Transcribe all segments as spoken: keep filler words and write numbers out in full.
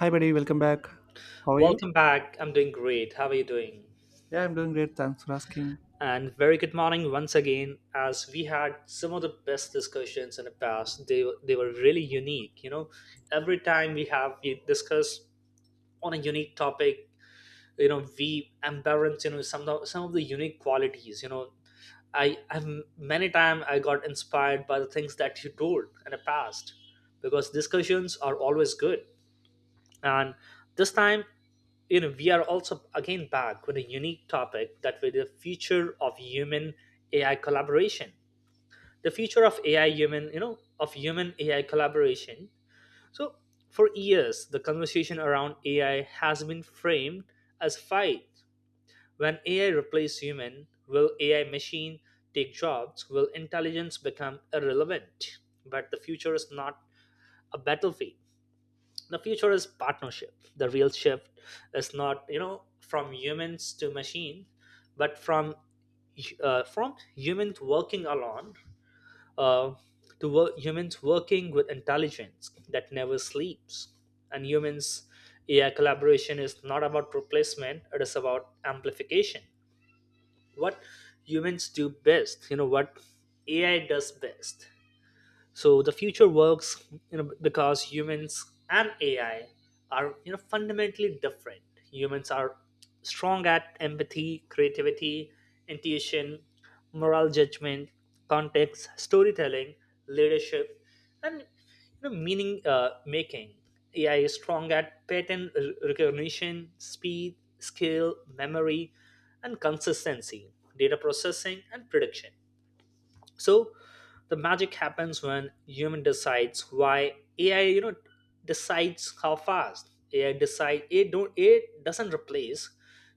Hi, buddy. Welcome back. How are you? Welcome back. I'm doing great. How are you doing? Yeah, I'm doing great. Thanks for asking. And very good morning once again, as we had some of the best discussions in the past. They, they were really unique. You know, every time we have we discuss on a unique topic, you know, we embarrass, you know, some of, some of the unique qualities. You know, I have many times I got inspired by the things that you told in the past because discussions are always good. And this time, you know, we are also again back with a unique topic, that with the future of human AI collaboration, the future of ai human you know of human AI collaboration. So for years, the conversation around AI has been framed as fight. When AI replace human, will AI machine take jobs, will intelligence become irrelevant? But the future is not a battlefield. The future is partnership. The real shift is not, you know, from humans to machine, but from uh, from humans working alone, uh, to wo- humans working with intelligence that never sleeps. And humans AI collaboration is not about replacement, it is about amplification. What humans do best, you know, what AI does best. So the future works, you know, because humans and AI are, you know, fundamentally different. Humans are strong at empathy, creativity, intuition, moral judgment, context, storytelling, leadership, and, you know, meaning uh, making. AI is strong at pattern r- recognition, speed, skill, memory, and consistency, data processing, and prediction. So the magic happens when human decides why, AI, you know, decides how fast. AI decide it don't it doesn't replace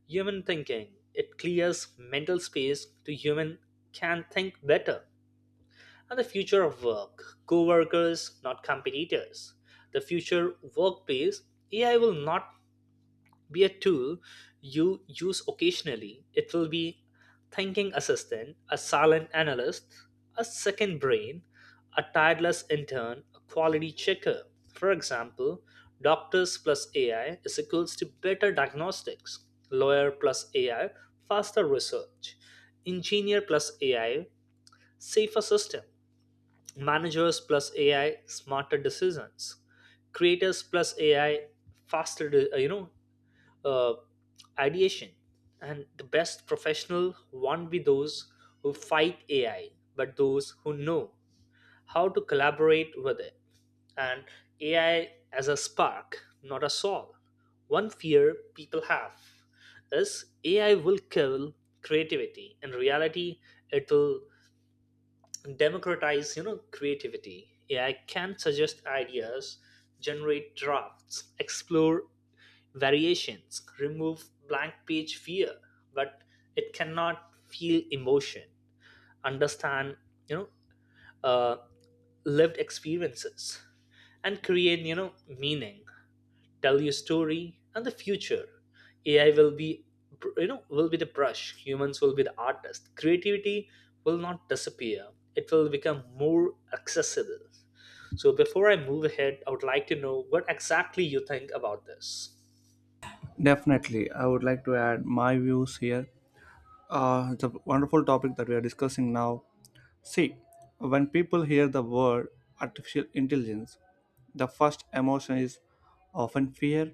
human thinking, it clears mental space to human can think better. And the future of work, co-workers not competitors. The future workplace, AI will not be a tool you use occasionally. It will be thinking assistant, a silent analyst, a second brain, a tireless intern, a quality checker. For example, doctors plus A I is equals to better diagnostics, lawyer plus A I, faster research, engineer plus A I, safer system, managers plus A I, smarter decisions, creators plus A I, faster de- uh, you know uh, ideation. And the best professional won't be those who fight A I, but those who know how to collaborate with it. And A I as a spark, not a saw. One fear people have is A I will kill creativity. In reality, it will democratize, you know, creativity. A I can suggest ideas, generate drafts, explore variations, remove blank page fear, but it cannot feel emotion, understand, you know, uh, lived experiences, and create, you know, meaning, tell your story and the future. A I will be, you know, will be the brush. Humans will be the artist. Creativity will not disappear. It will become more accessible. So before I move ahead, I would like to know what exactly you think about this. Definitely. I would like to add my views here. Uh, it's a wonderful topic that we are discussing now. See, when people hear the word artificial intelligence, the first emotion is often fear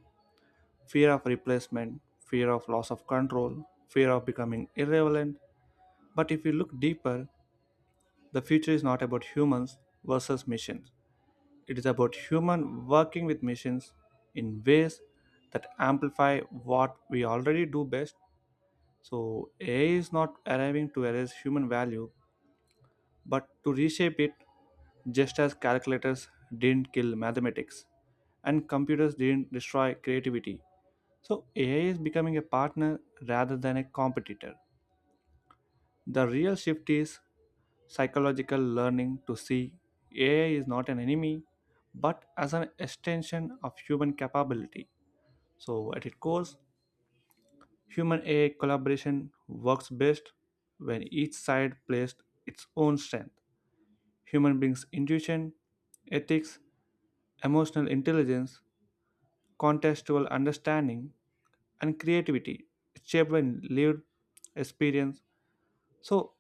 fear of replacement, fear of loss of control, fear of becoming irrelevant. But if you look deeper, the future is not about humans versus machines. It is about human working with machines in ways that amplify what we already do best. So A I is not arriving to erase human value, but to reshape it just as calculators didn't kill mathematics and computers didn't destroy creativity. So A I is becoming a partner rather than a competitor. The real shift is psychological learning to see A I is not an enemy but as an extension of human capability. So, at its core, human A I collaboration works best when each side plays its own strength. Human brings intuition, ethics, emotional intelligence, contextual understanding, and creativity shaped by lived experience. So,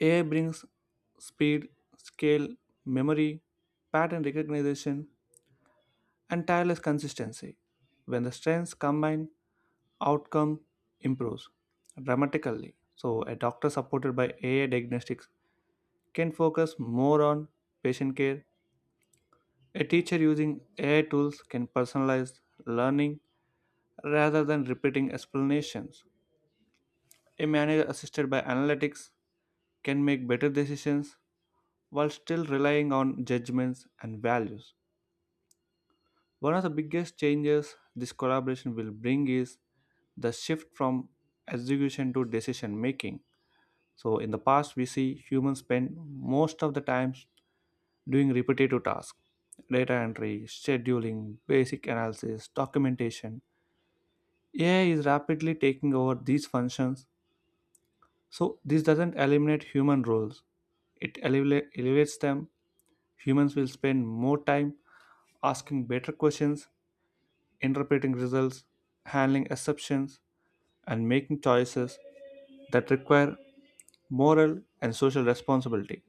A I brings speed, scale, memory, pattern recognition, and tireless consistency. When the strengths combine, outcome improves dramatically. So, a doctor supported by A I diagnostics can focus more on patient care. A teacher using A I tools can personalize learning rather than repeating explanations. A manager assisted by analytics can make better decisions while still relying on judgments and values. One of the biggest changes this collaboration will bring is the shift from execution to decision making. So, in the past, we see humans spend most of the time doing repetitive tasks, data entry, scheduling, basic analysis, documentation. A I is rapidly taking over these functions. So, this doesn't eliminate human roles, it eleva- elevates them. Humans will spend more time asking better questions, interpreting results, handling exceptions, and making choices that require moral and social responsibility.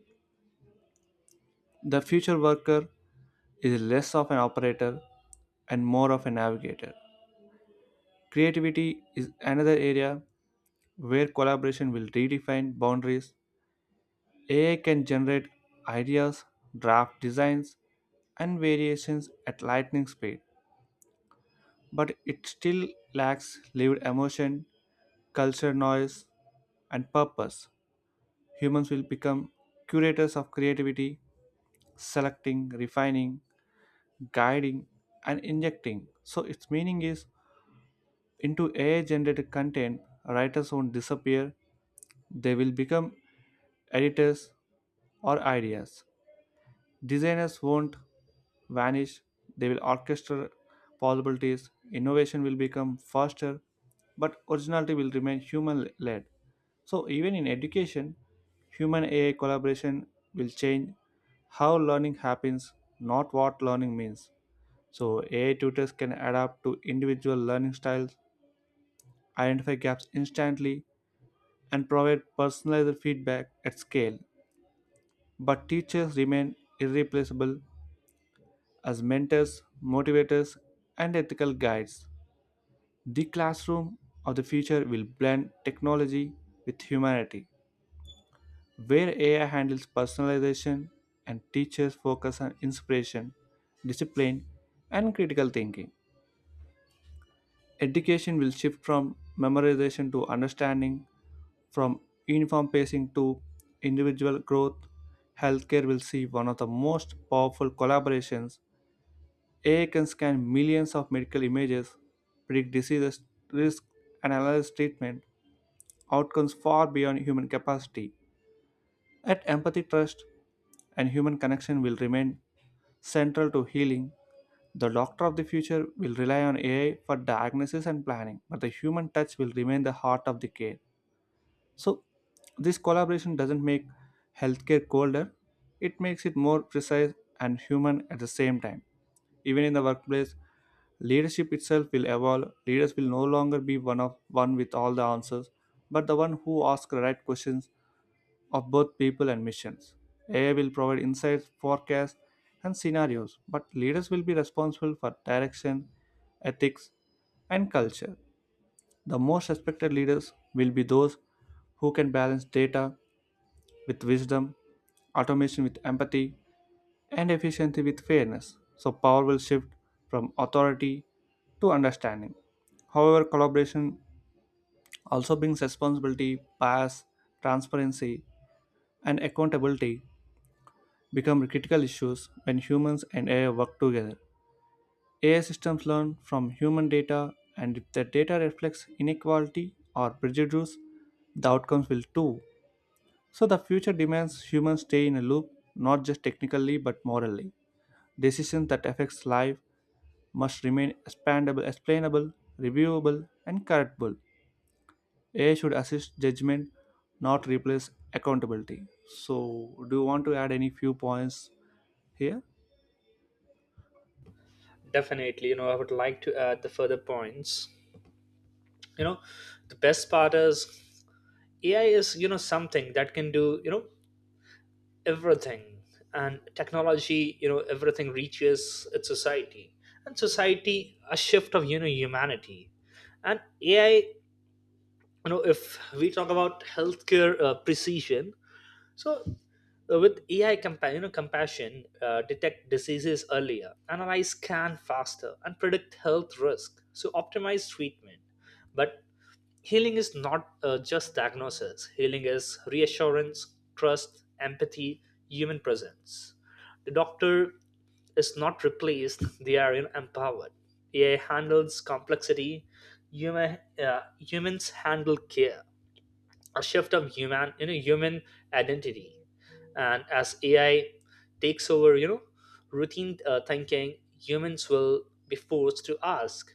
The future worker is less of an operator and more of a navigator. Creativity is another area where collaboration will redefine boundaries. A I can generate ideas, draft designs, and variations at lightning speed, but it still lacks lived emotion, culture noise, and purpose. Humans will become curators of creativity, selecting, refining, guiding, and injecting. So, its meaning is into A I generated content. Writers won't disappear, they will become editors or ideas. Designers won't vanish, they will orchestrate possibilities. Innovation will become faster, but originality will remain human led. So, even in education, human A I collaboration will change how learning happens, not what learning means. So, A I tutors can adapt to individual learning styles, identify gaps instantly, and provide personalized feedback at scale. But teachers remain irreplaceable as mentors, motivators, and ethical guides. The classroom of the future will blend technology with humanity, where A I handles personalization and teachers focus on inspiration, discipline, and critical thinking. Education will shift from memorization to understanding, from uniform pacing to individual growth. Healthcare will see one of the most powerful collaborations. A I can scan millions of medical images, predict diseases, risk, and analyze treatment outcomes far beyond human capacity. At empathy, trust, and human connection will remain central to healing. The doctor of the future will rely on A I for diagnosis and planning, but the human touch will remain the heart of the care. So, this collaboration doesn't make healthcare colder, it makes it more precise and human at the same time. Even in the workplace, leadership itself will evolve. Leaders will no longer be one of one with all the answers, but the one who asks the right questions of both people and missions. A I will provide insights, forecasts, and scenarios, but leaders will be responsible for direction, ethics, and culture. The most respected leaders will be those who can balance data with wisdom, automation with empathy, and efficiency with fairness. So, power will shift from authority to understanding. However, collaboration also brings responsibility. Bias, transparency, and accountability become critical issues when humans and A I work together. A I systems learn from human data, and if the data reflects inequality or prejudice, the outcomes will too. So the future demands humans stay in a loop, not just technically but morally. Decisions that affects life must remain expandable, explainable, reviewable, and correctable. A I should assist judgment, not replace accountability. So, do you want to add any few points here? Definitely, you know, I would like to add the further points. You know, the best part is A I is, you know, something that can do, you know, everything. And technology, you know, everything reaches its society. And society, a shift of, you know, humanity. And A I, you know, if we talk about healthcare uh, precision. So, uh, with A I compa- you know, compassion, uh, detect diseases earlier, analyze scan faster, and predict health risk. So, optimize treatment. But healing is not uh, just diagnosis. Healing is reassurance, trust, empathy, human presence. The doctor is not replaced; they are, you know, empowered. A I handles complexity. Human, uh, humans handle care, a shift of human, you know, human identity. And as AI takes over, you know, routine uh, thinking, humans will be forced to ask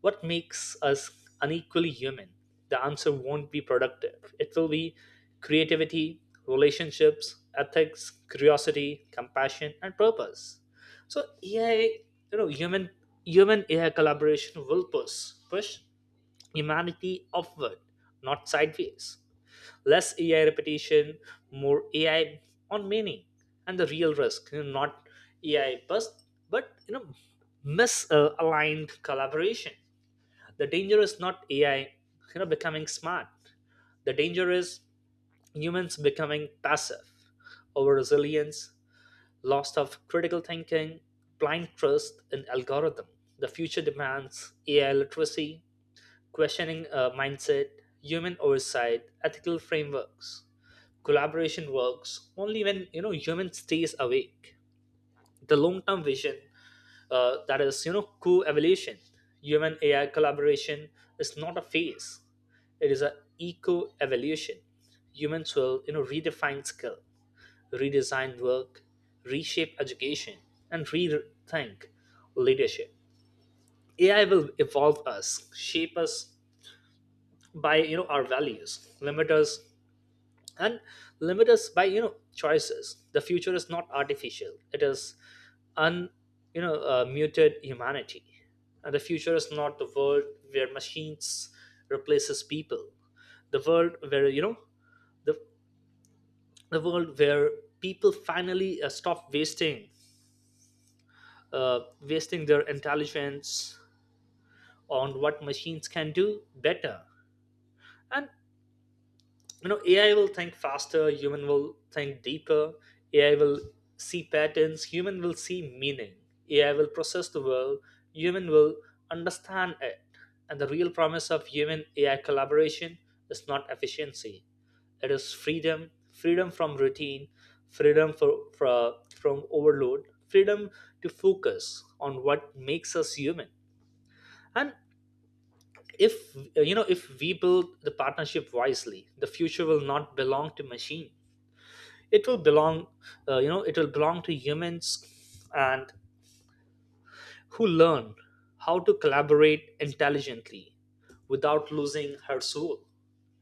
what makes us unequally human. The answer won't be productive, it will be creativity, relationships, ethics, curiosity, compassion, and purpose. So AI, you know human human AI collaboration will push push humanity upward, not sideways. Less A I repetition, more A I on meaning. And the real risk, you know, not A I bust, but, you know, misaligned collaboration. The danger is not A I, you know, becoming smart. The danger is humans becoming passive, over resilience, loss of critical thinking, blind trust in algorithm. The future demands A I literacy, questioning uh, mindset, human oversight, ethical frameworks. Collaboration works only when, you know, human stays awake. The long term vision, uh, that is, you know, co-evolution. Human AI collaboration is not a phase, it is a eco-evolution. Humans will, you know, redefine skill, redesign work, reshape education, and rethink leadership. AI will evolve us, shape us by, you know, our values, limit us, and limit us by you know choices. The future is not artificial, it is un you know uh, muted humanity. And the future is not the world where machines replaces people, the world where, you know, the, the world where people finally uh, stop wasting uh, wasting their intelligence on what machines can do better. And, you know, AI will think faster, human will think deeper. AI will see patterns, human will see meaning. AI will process the world, human will understand it. And the real promise of human AI collaboration is not efficiency, it is freedom. Freedom from routine, freedom for, for, from overload, freedom to focus on what makes us human. And if uh, you know, if we build the partnership wisely, the future will not belong to machine, it will belong, uh, you know it will belong to humans and who learn how to collaborate intelligently without losing her soul,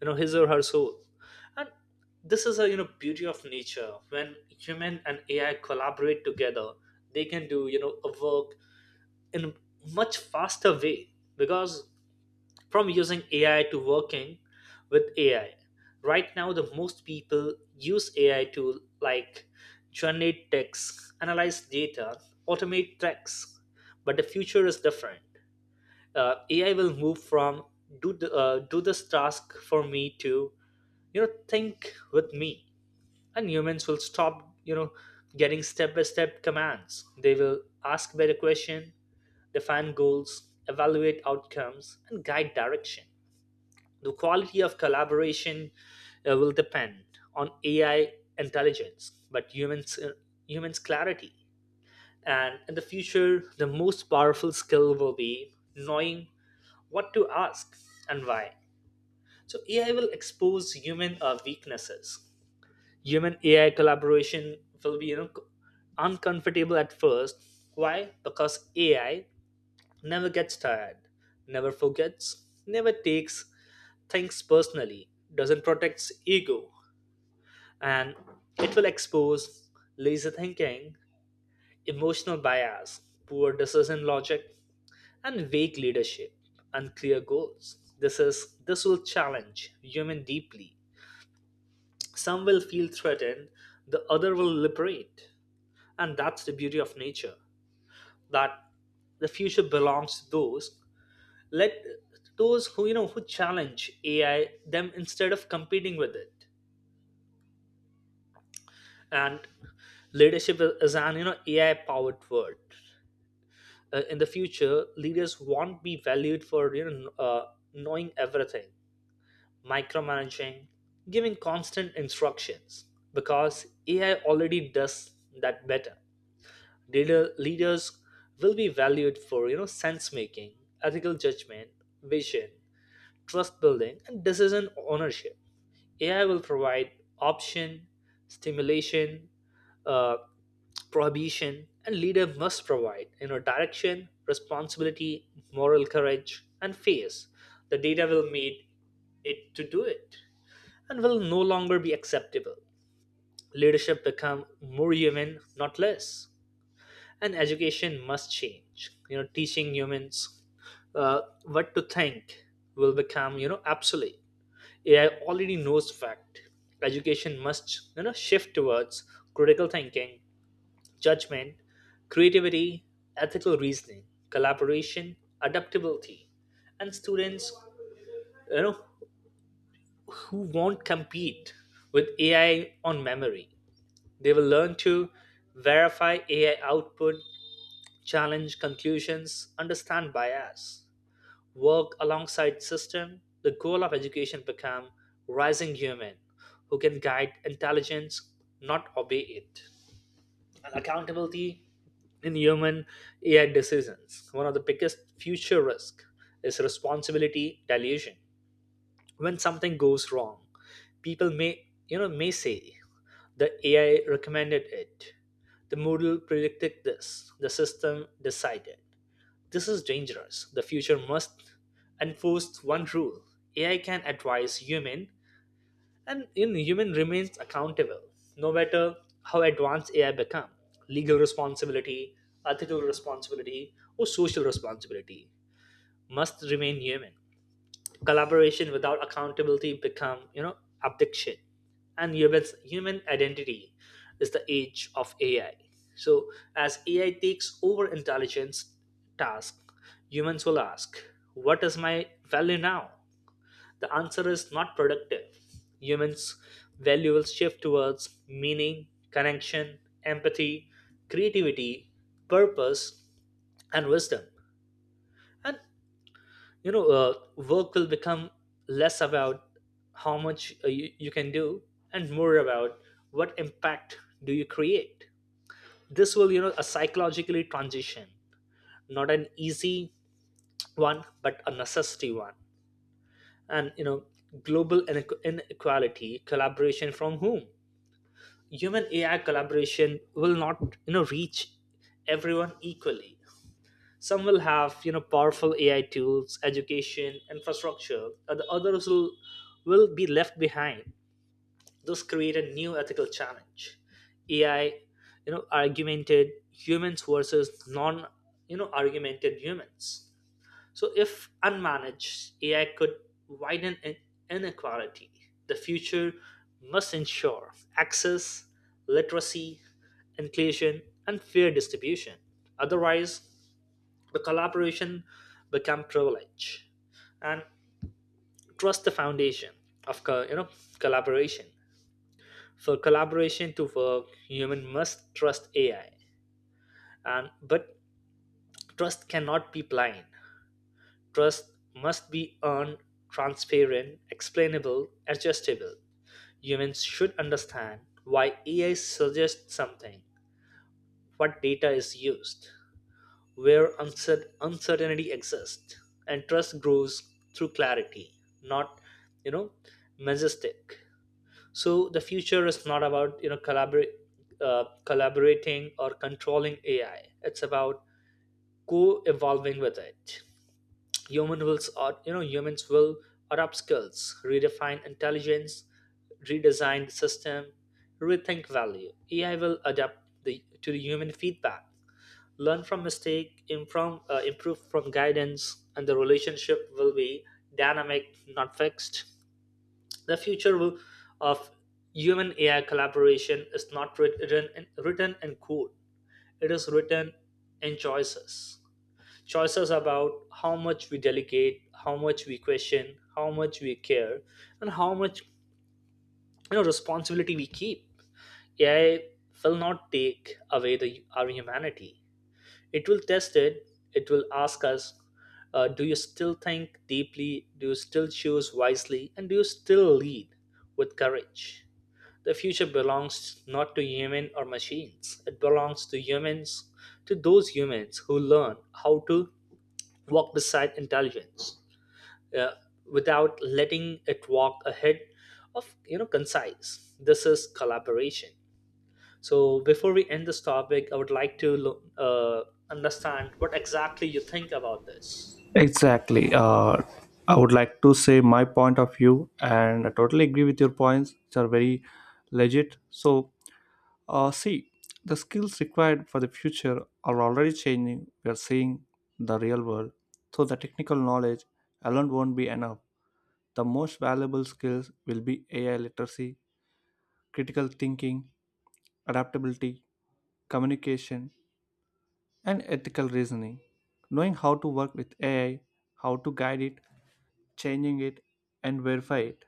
you know, his or her soul. And this is a, you know, beauty of nature. When human and AI collaborate together, they can do, you know, a work in a much faster way. Because from using A I to working with A I. Right now, the most people use A I to like generate text, analyze data, automate tasks. But the future is different. Uh, A I will move from do the, uh, do this task for me to, you know, think with me. And humans will stop, you know, getting step by step commands. They will ask better question, define goals, evaluate outcomes, and guide direction. The quality of collaboration, uh, will depend on A I intelligence, but humans uh, humans clarity. And in the future, the most powerful skill will be knowing what to ask and why. So A I will expose human uh, weaknesses. Human A I collaboration will be, you know, uncomfortable at first. Why? Because A I never gets tired, never forgets, never takes thinks personally, doesn't protect ego, and it will expose lazy thinking, emotional bias, poor decision logic, and vague leadership, unclear goals. This is this will challenge human deeply. Some will feel threatened, the other will liberate. And that's the beauty of nature. That the future belongs to those, let those who you know who challenge A I them instead of competing with it. And leadership is an, you know, AI powered word. Uh, in the future, leaders won't be valued for, you know, uh, knowing everything, micromanaging, giving constant instructions, because AI already does that better. Leader, leaders will be valued for, you know, sense making, ethical judgment, vision, trust building, and decision ownership. A I will provide option, stimulation, uh, prohibition, and leader must provide, you know, direction, responsibility, moral courage, and face. The data will meet it to do it and will no longer be acceptable. Leadership become more human, not less. And education must change. You know, teaching humans uh, what to think will become, you know, obsolete. A I already knows fact. Education must, you know, shift towards critical thinking, judgment, creativity, ethical reasoning, collaboration, adaptability, and students, you know, who won't compete with A I on memory. They will learn to verify A I output, challenge conclusions, understand bias, work alongside system. The goal of education become rising human who can guide intelligence, not obey it. And accountability in human AI decisions, one of the biggest future risk is responsibility dilution. When something goes wrong, people may, you know, may say the AI recommended it, the model predicted this, the system decided. This is dangerous. The future must enforce one rule. A I can advise human, and in human remains accountable, no matter how advanced A I become. Legal responsibility, ethical responsibility, or social responsibility must remain human. Collaboration without accountability become you know abdiction, and humans human identity is the age of ai. So as ai takes over intelligence task, humans will ask, what is my value now? The answer is not productive. Humans value will shift towards meaning, connection, empathy, creativity, purpose, and wisdom. And you know uh, Work will become less about how much uh, you, you can do, and more about what impact do you create. This will you know a psychologically transition, not an easy one, but a necessity one. And you know global inequ- inequality collaboration from whom. Human ai collaboration will not you know reach everyone equally. Some will have you know powerful ai tools, education, infrastructure, and the others will, will be left behind, thus create a new ethical challenge. Ai, you know argumented humans versus non you know argumented humans. So if unmanaged, ai could widen in- inequality. The future must ensure access, literacy, inclusion, and fair distribution. Otherwise, the collaboration become privilege. And trust, the foundation of co- you know collaboration. For collaboration to work, human must trust ai. And but trust cannot be blind. Trust must be earned: transparent, explainable, adjustable. Humans should understand why ai suggests something, what data is used, where uncer- uncertainty exists. And trust grows through clarity, not you know majestic. So the future is not about you know collaborate uh, collaborating or controlling ai. It's about co-evolving with it. Human will or you know humans will adopt skills, redefine intelligence, redesign the system, rethink value. Ai will adapt the, to the human feedback, learn from mistake, improve, uh, improve from guidance, and the relationship will be dynamic, not fixed. The future will, of human ai collaboration is not writ- written in, written in code. It is written in choices: choices about how much we delegate, how much we question, how much we care, and how much you know responsibility we keep. Ai will not take away the our humanity. It will test it. It will ask us, uh, do you still think deeply? Do you still choose wisely? And do you still lead with courage? The future belongs not to human or machines. It belongs to humans, to those humans who learn how to walk beside intelligence uh, without letting it walk ahead of you know concise. This is collaboration. So before we end this topic, I would like to lo- uh, understand what exactly you think about this. Exactly. Uh, I would like to say my point of view, and I totally agree with your points, which are very legit. So, Uh, see, the skills required for the future are already changing. We are seeing the real world. So, the technical knowledge alone won't be enough. The most valuable skills will be A I literacy, critical thinking, adaptability, communication, and ethical reasoning. Knowing how to work with A I, how to guide it, changing it, and verify it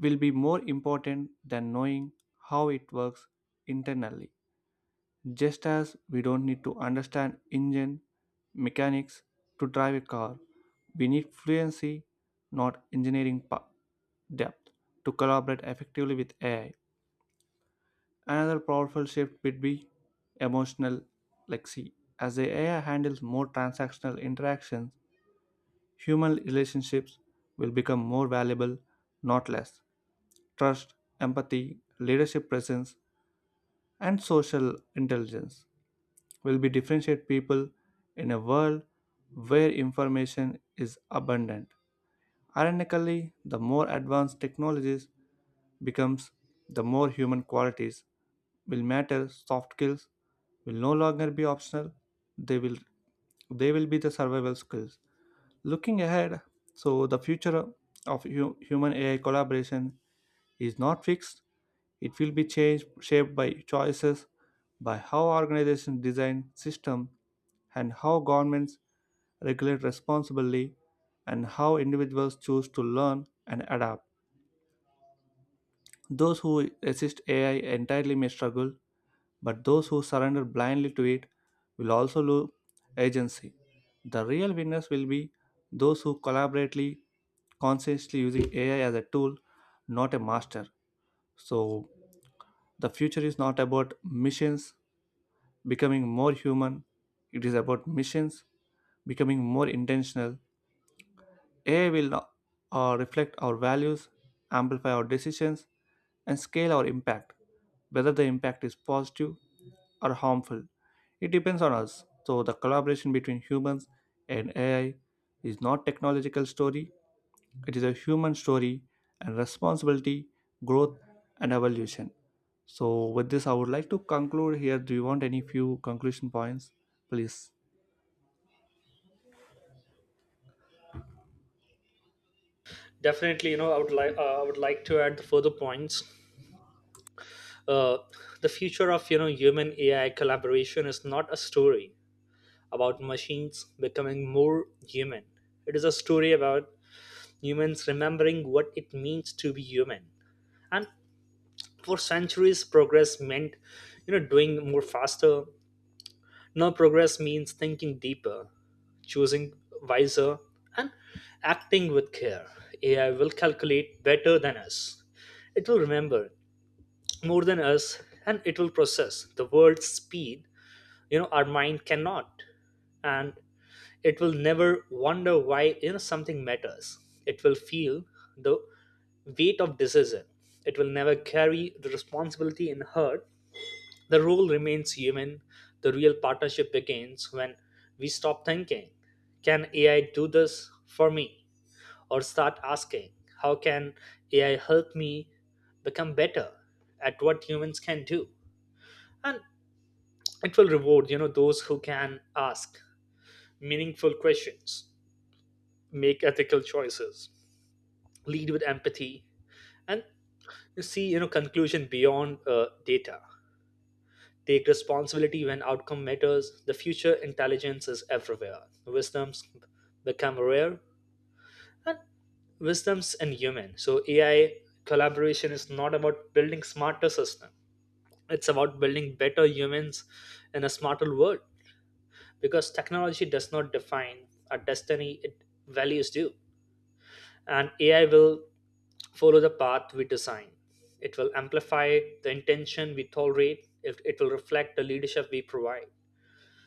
will be more important than knowing how it works internally. Just as we don't need to understand engine mechanics to drive a car, we need fluency, not engineering pa- depth, to collaborate effectively with A I. Another powerful shift would be emotional lexi. As the A I handles more transactional interactions, human relationships will become more valuable, not less. Trust, empathy, leadership presence, and social intelligence will be differentiate people in a world where information is abundant. Ironically, the more advanced technologies becomes, the more human qualities will matter. Soft skills will no longer be optional. They will they will be the survival skills. Looking ahead, so the future of hu- human A I collaboration is not fixed. It will be changed, shaped by choices, by how organizations design systems, and how governments regulate responsibly, and how individuals choose to learn and adapt. Those who resist A I entirely may struggle, but those who surrender blindly to it will also lose agency. The real winners will be those who collaboratively, consciously using A I as a tool, not a master. So the future is not about missions becoming more human, it is about missions becoming more intentional. A I will uh, reflect our values, amplify our decisions, and scale our impact, whether the impact is positive or harmful. It depends on us. So the collaboration between humans and A I is not technological story. It is a human story and responsibility, growth and evolution. So with this, I would like to conclude here. Do you want any few conclusion points, please? Definitely, you know, I would like uh, I would like to add the further points. Uh, the future of you know human A I collaboration is not a story about machines becoming more human. It is a story about humans remembering what it means to be human. And for centuries, progress meant you know doing more faster. Now, progress means thinking deeper, choosing wiser, and acting with care. A I will calculate better than us. It will remember more than us, and it will process the world's speed, you know, our mind cannot. And it will never wonder why, you know, something matters. It will feel the weight of decision. It will never carry the responsibility in her, the rule remains human. The real partnership begins when we stop thinking, can A I do this for me? Or start asking, how can A I help me become better at what humans can do? And it will reward, you know, those who can ask meaningful questions, make ethical choices, lead with empathy, and see, you know, conclusion beyond uh, data. Take responsibility when outcome matters. The future intelligence is everywhere. Wisdoms become rare, and wisdoms in human. So A I collaboration is not about building smarter system. It's about building better humans in a smarter world, because technology does not define our destiny, it values do. And A I will follow the path we design. It will amplify the intention we tolerate. It, it will reflect the leadership we provide.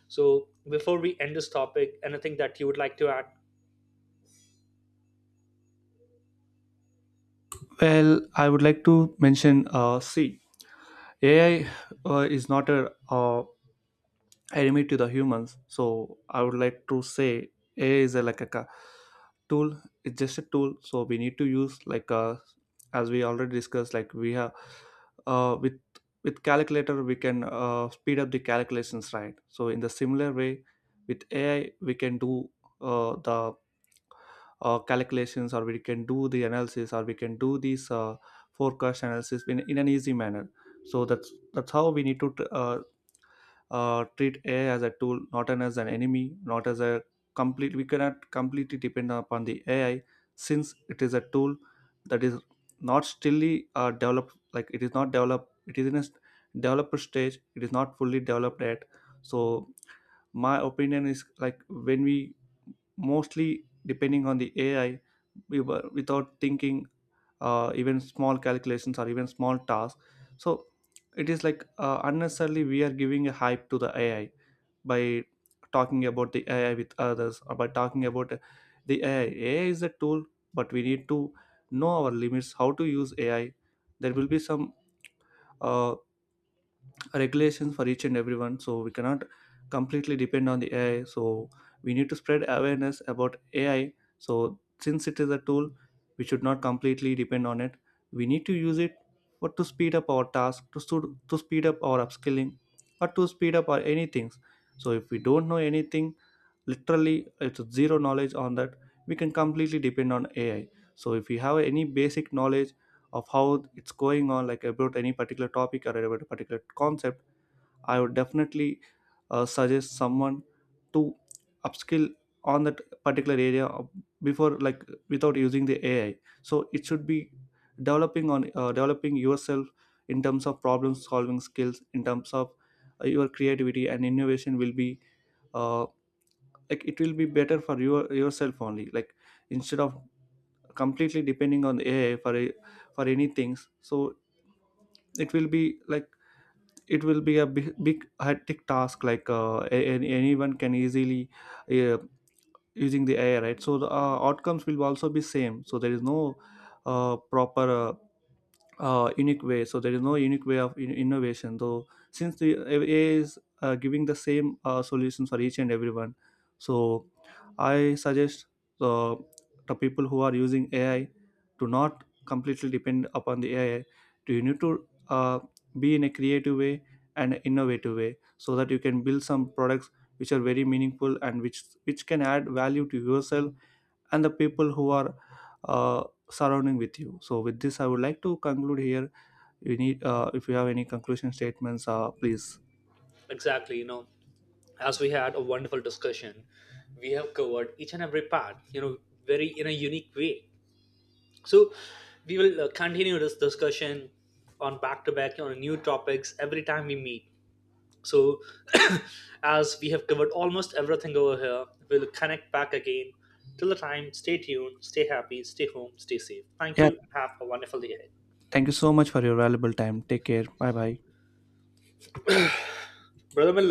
So before we end this topic, anything that you would like to add? Well, I would like to mention uh, C. A I uh, is not a uh, enemy to the humans. So I would like to say A I is a, like a ca- tool. It's just a tool. So we need to use like uh, as we already discussed. Like we have uh, with with calculator we can uh, speed up the calculations, right? So in the similar way with A I we can do uh, the uh, calculations, or we can do the analysis, or we can do these uh, forecast analysis in, in an easy manner. So that's that's how we need to uh, uh, treat AI as a tool, not an, as an enemy, not as a complete. We cannot completely depend upon the AI, since it is a tool that is not stilly uh, developed. Like, it is not developed, it is in a s- developer stage. It is not fully developed yet. So my opinion is like, when we mostly depending on the A I, we were without thinking uh, even small calculations or even small tasks. So it is like uh, unnecessarily we are giving a hype to the A I by talking about the A I with others, or by talking about the A I. A I is a tool, but we need to know our limits, how to use A I. There will be some uh, regulations for each and everyone, so we cannot completely depend on the AI. So we need to spread awareness about AI. So since it is a tool, we should not completely depend on it. We need to use it for to speed up our task, to, stu- to speed up our upskilling or to speed up our anything. So if we don't know anything, literally it's zero knowledge on that, we can completely depend on AI. So if you have any basic knowledge of how it's going on, like about any particular topic or about a particular concept, I would definitely uh, suggest someone to upskill on that particular area of- before, like without using the A I. So it should be developing on uh, developing yourself in terms of problem solving skills, in terms of uh, your creativity and innovation will be uh, like it will be better for your yourself only. Like instead of completely depending on A I for a- for any things, so it will be like it will be a big, big hectic task. Like uh, a- any- anyone can easily uh, using the AI, right? So the uh, outcomes will also be same, so there is no uh, proper uh, uh, unique way. So there is no unique way of in- innovation. Though since the A I is uh, giving the same uh, solutions for each and everyone, so I suggest the the people who are using A I to not completely depend upon the A I. Do you need to uh, be in a creative way and innovative way, so that you can build some products which are very meaningful and which which can add value to yourself and the people who are uh, surrounding with you. So with this, I would like to conclude here. You need uh, if you have any conclusion statements, uh, please. Exactly, you know, as we had a wonderful discussion, we have covered each and every part, you know, very in a unique way. So we will uh, continue this discussion on back to back on new topics every time we meet. So as we have covered almost everything over here, we'll connect back again. Till the time, stay tuned, stay happy, stay home, stay safe. Thank Yeah, you, and have a wonderful day ahead. thank you so much for your valuable time. Take care. Bye bye. Brother Milan,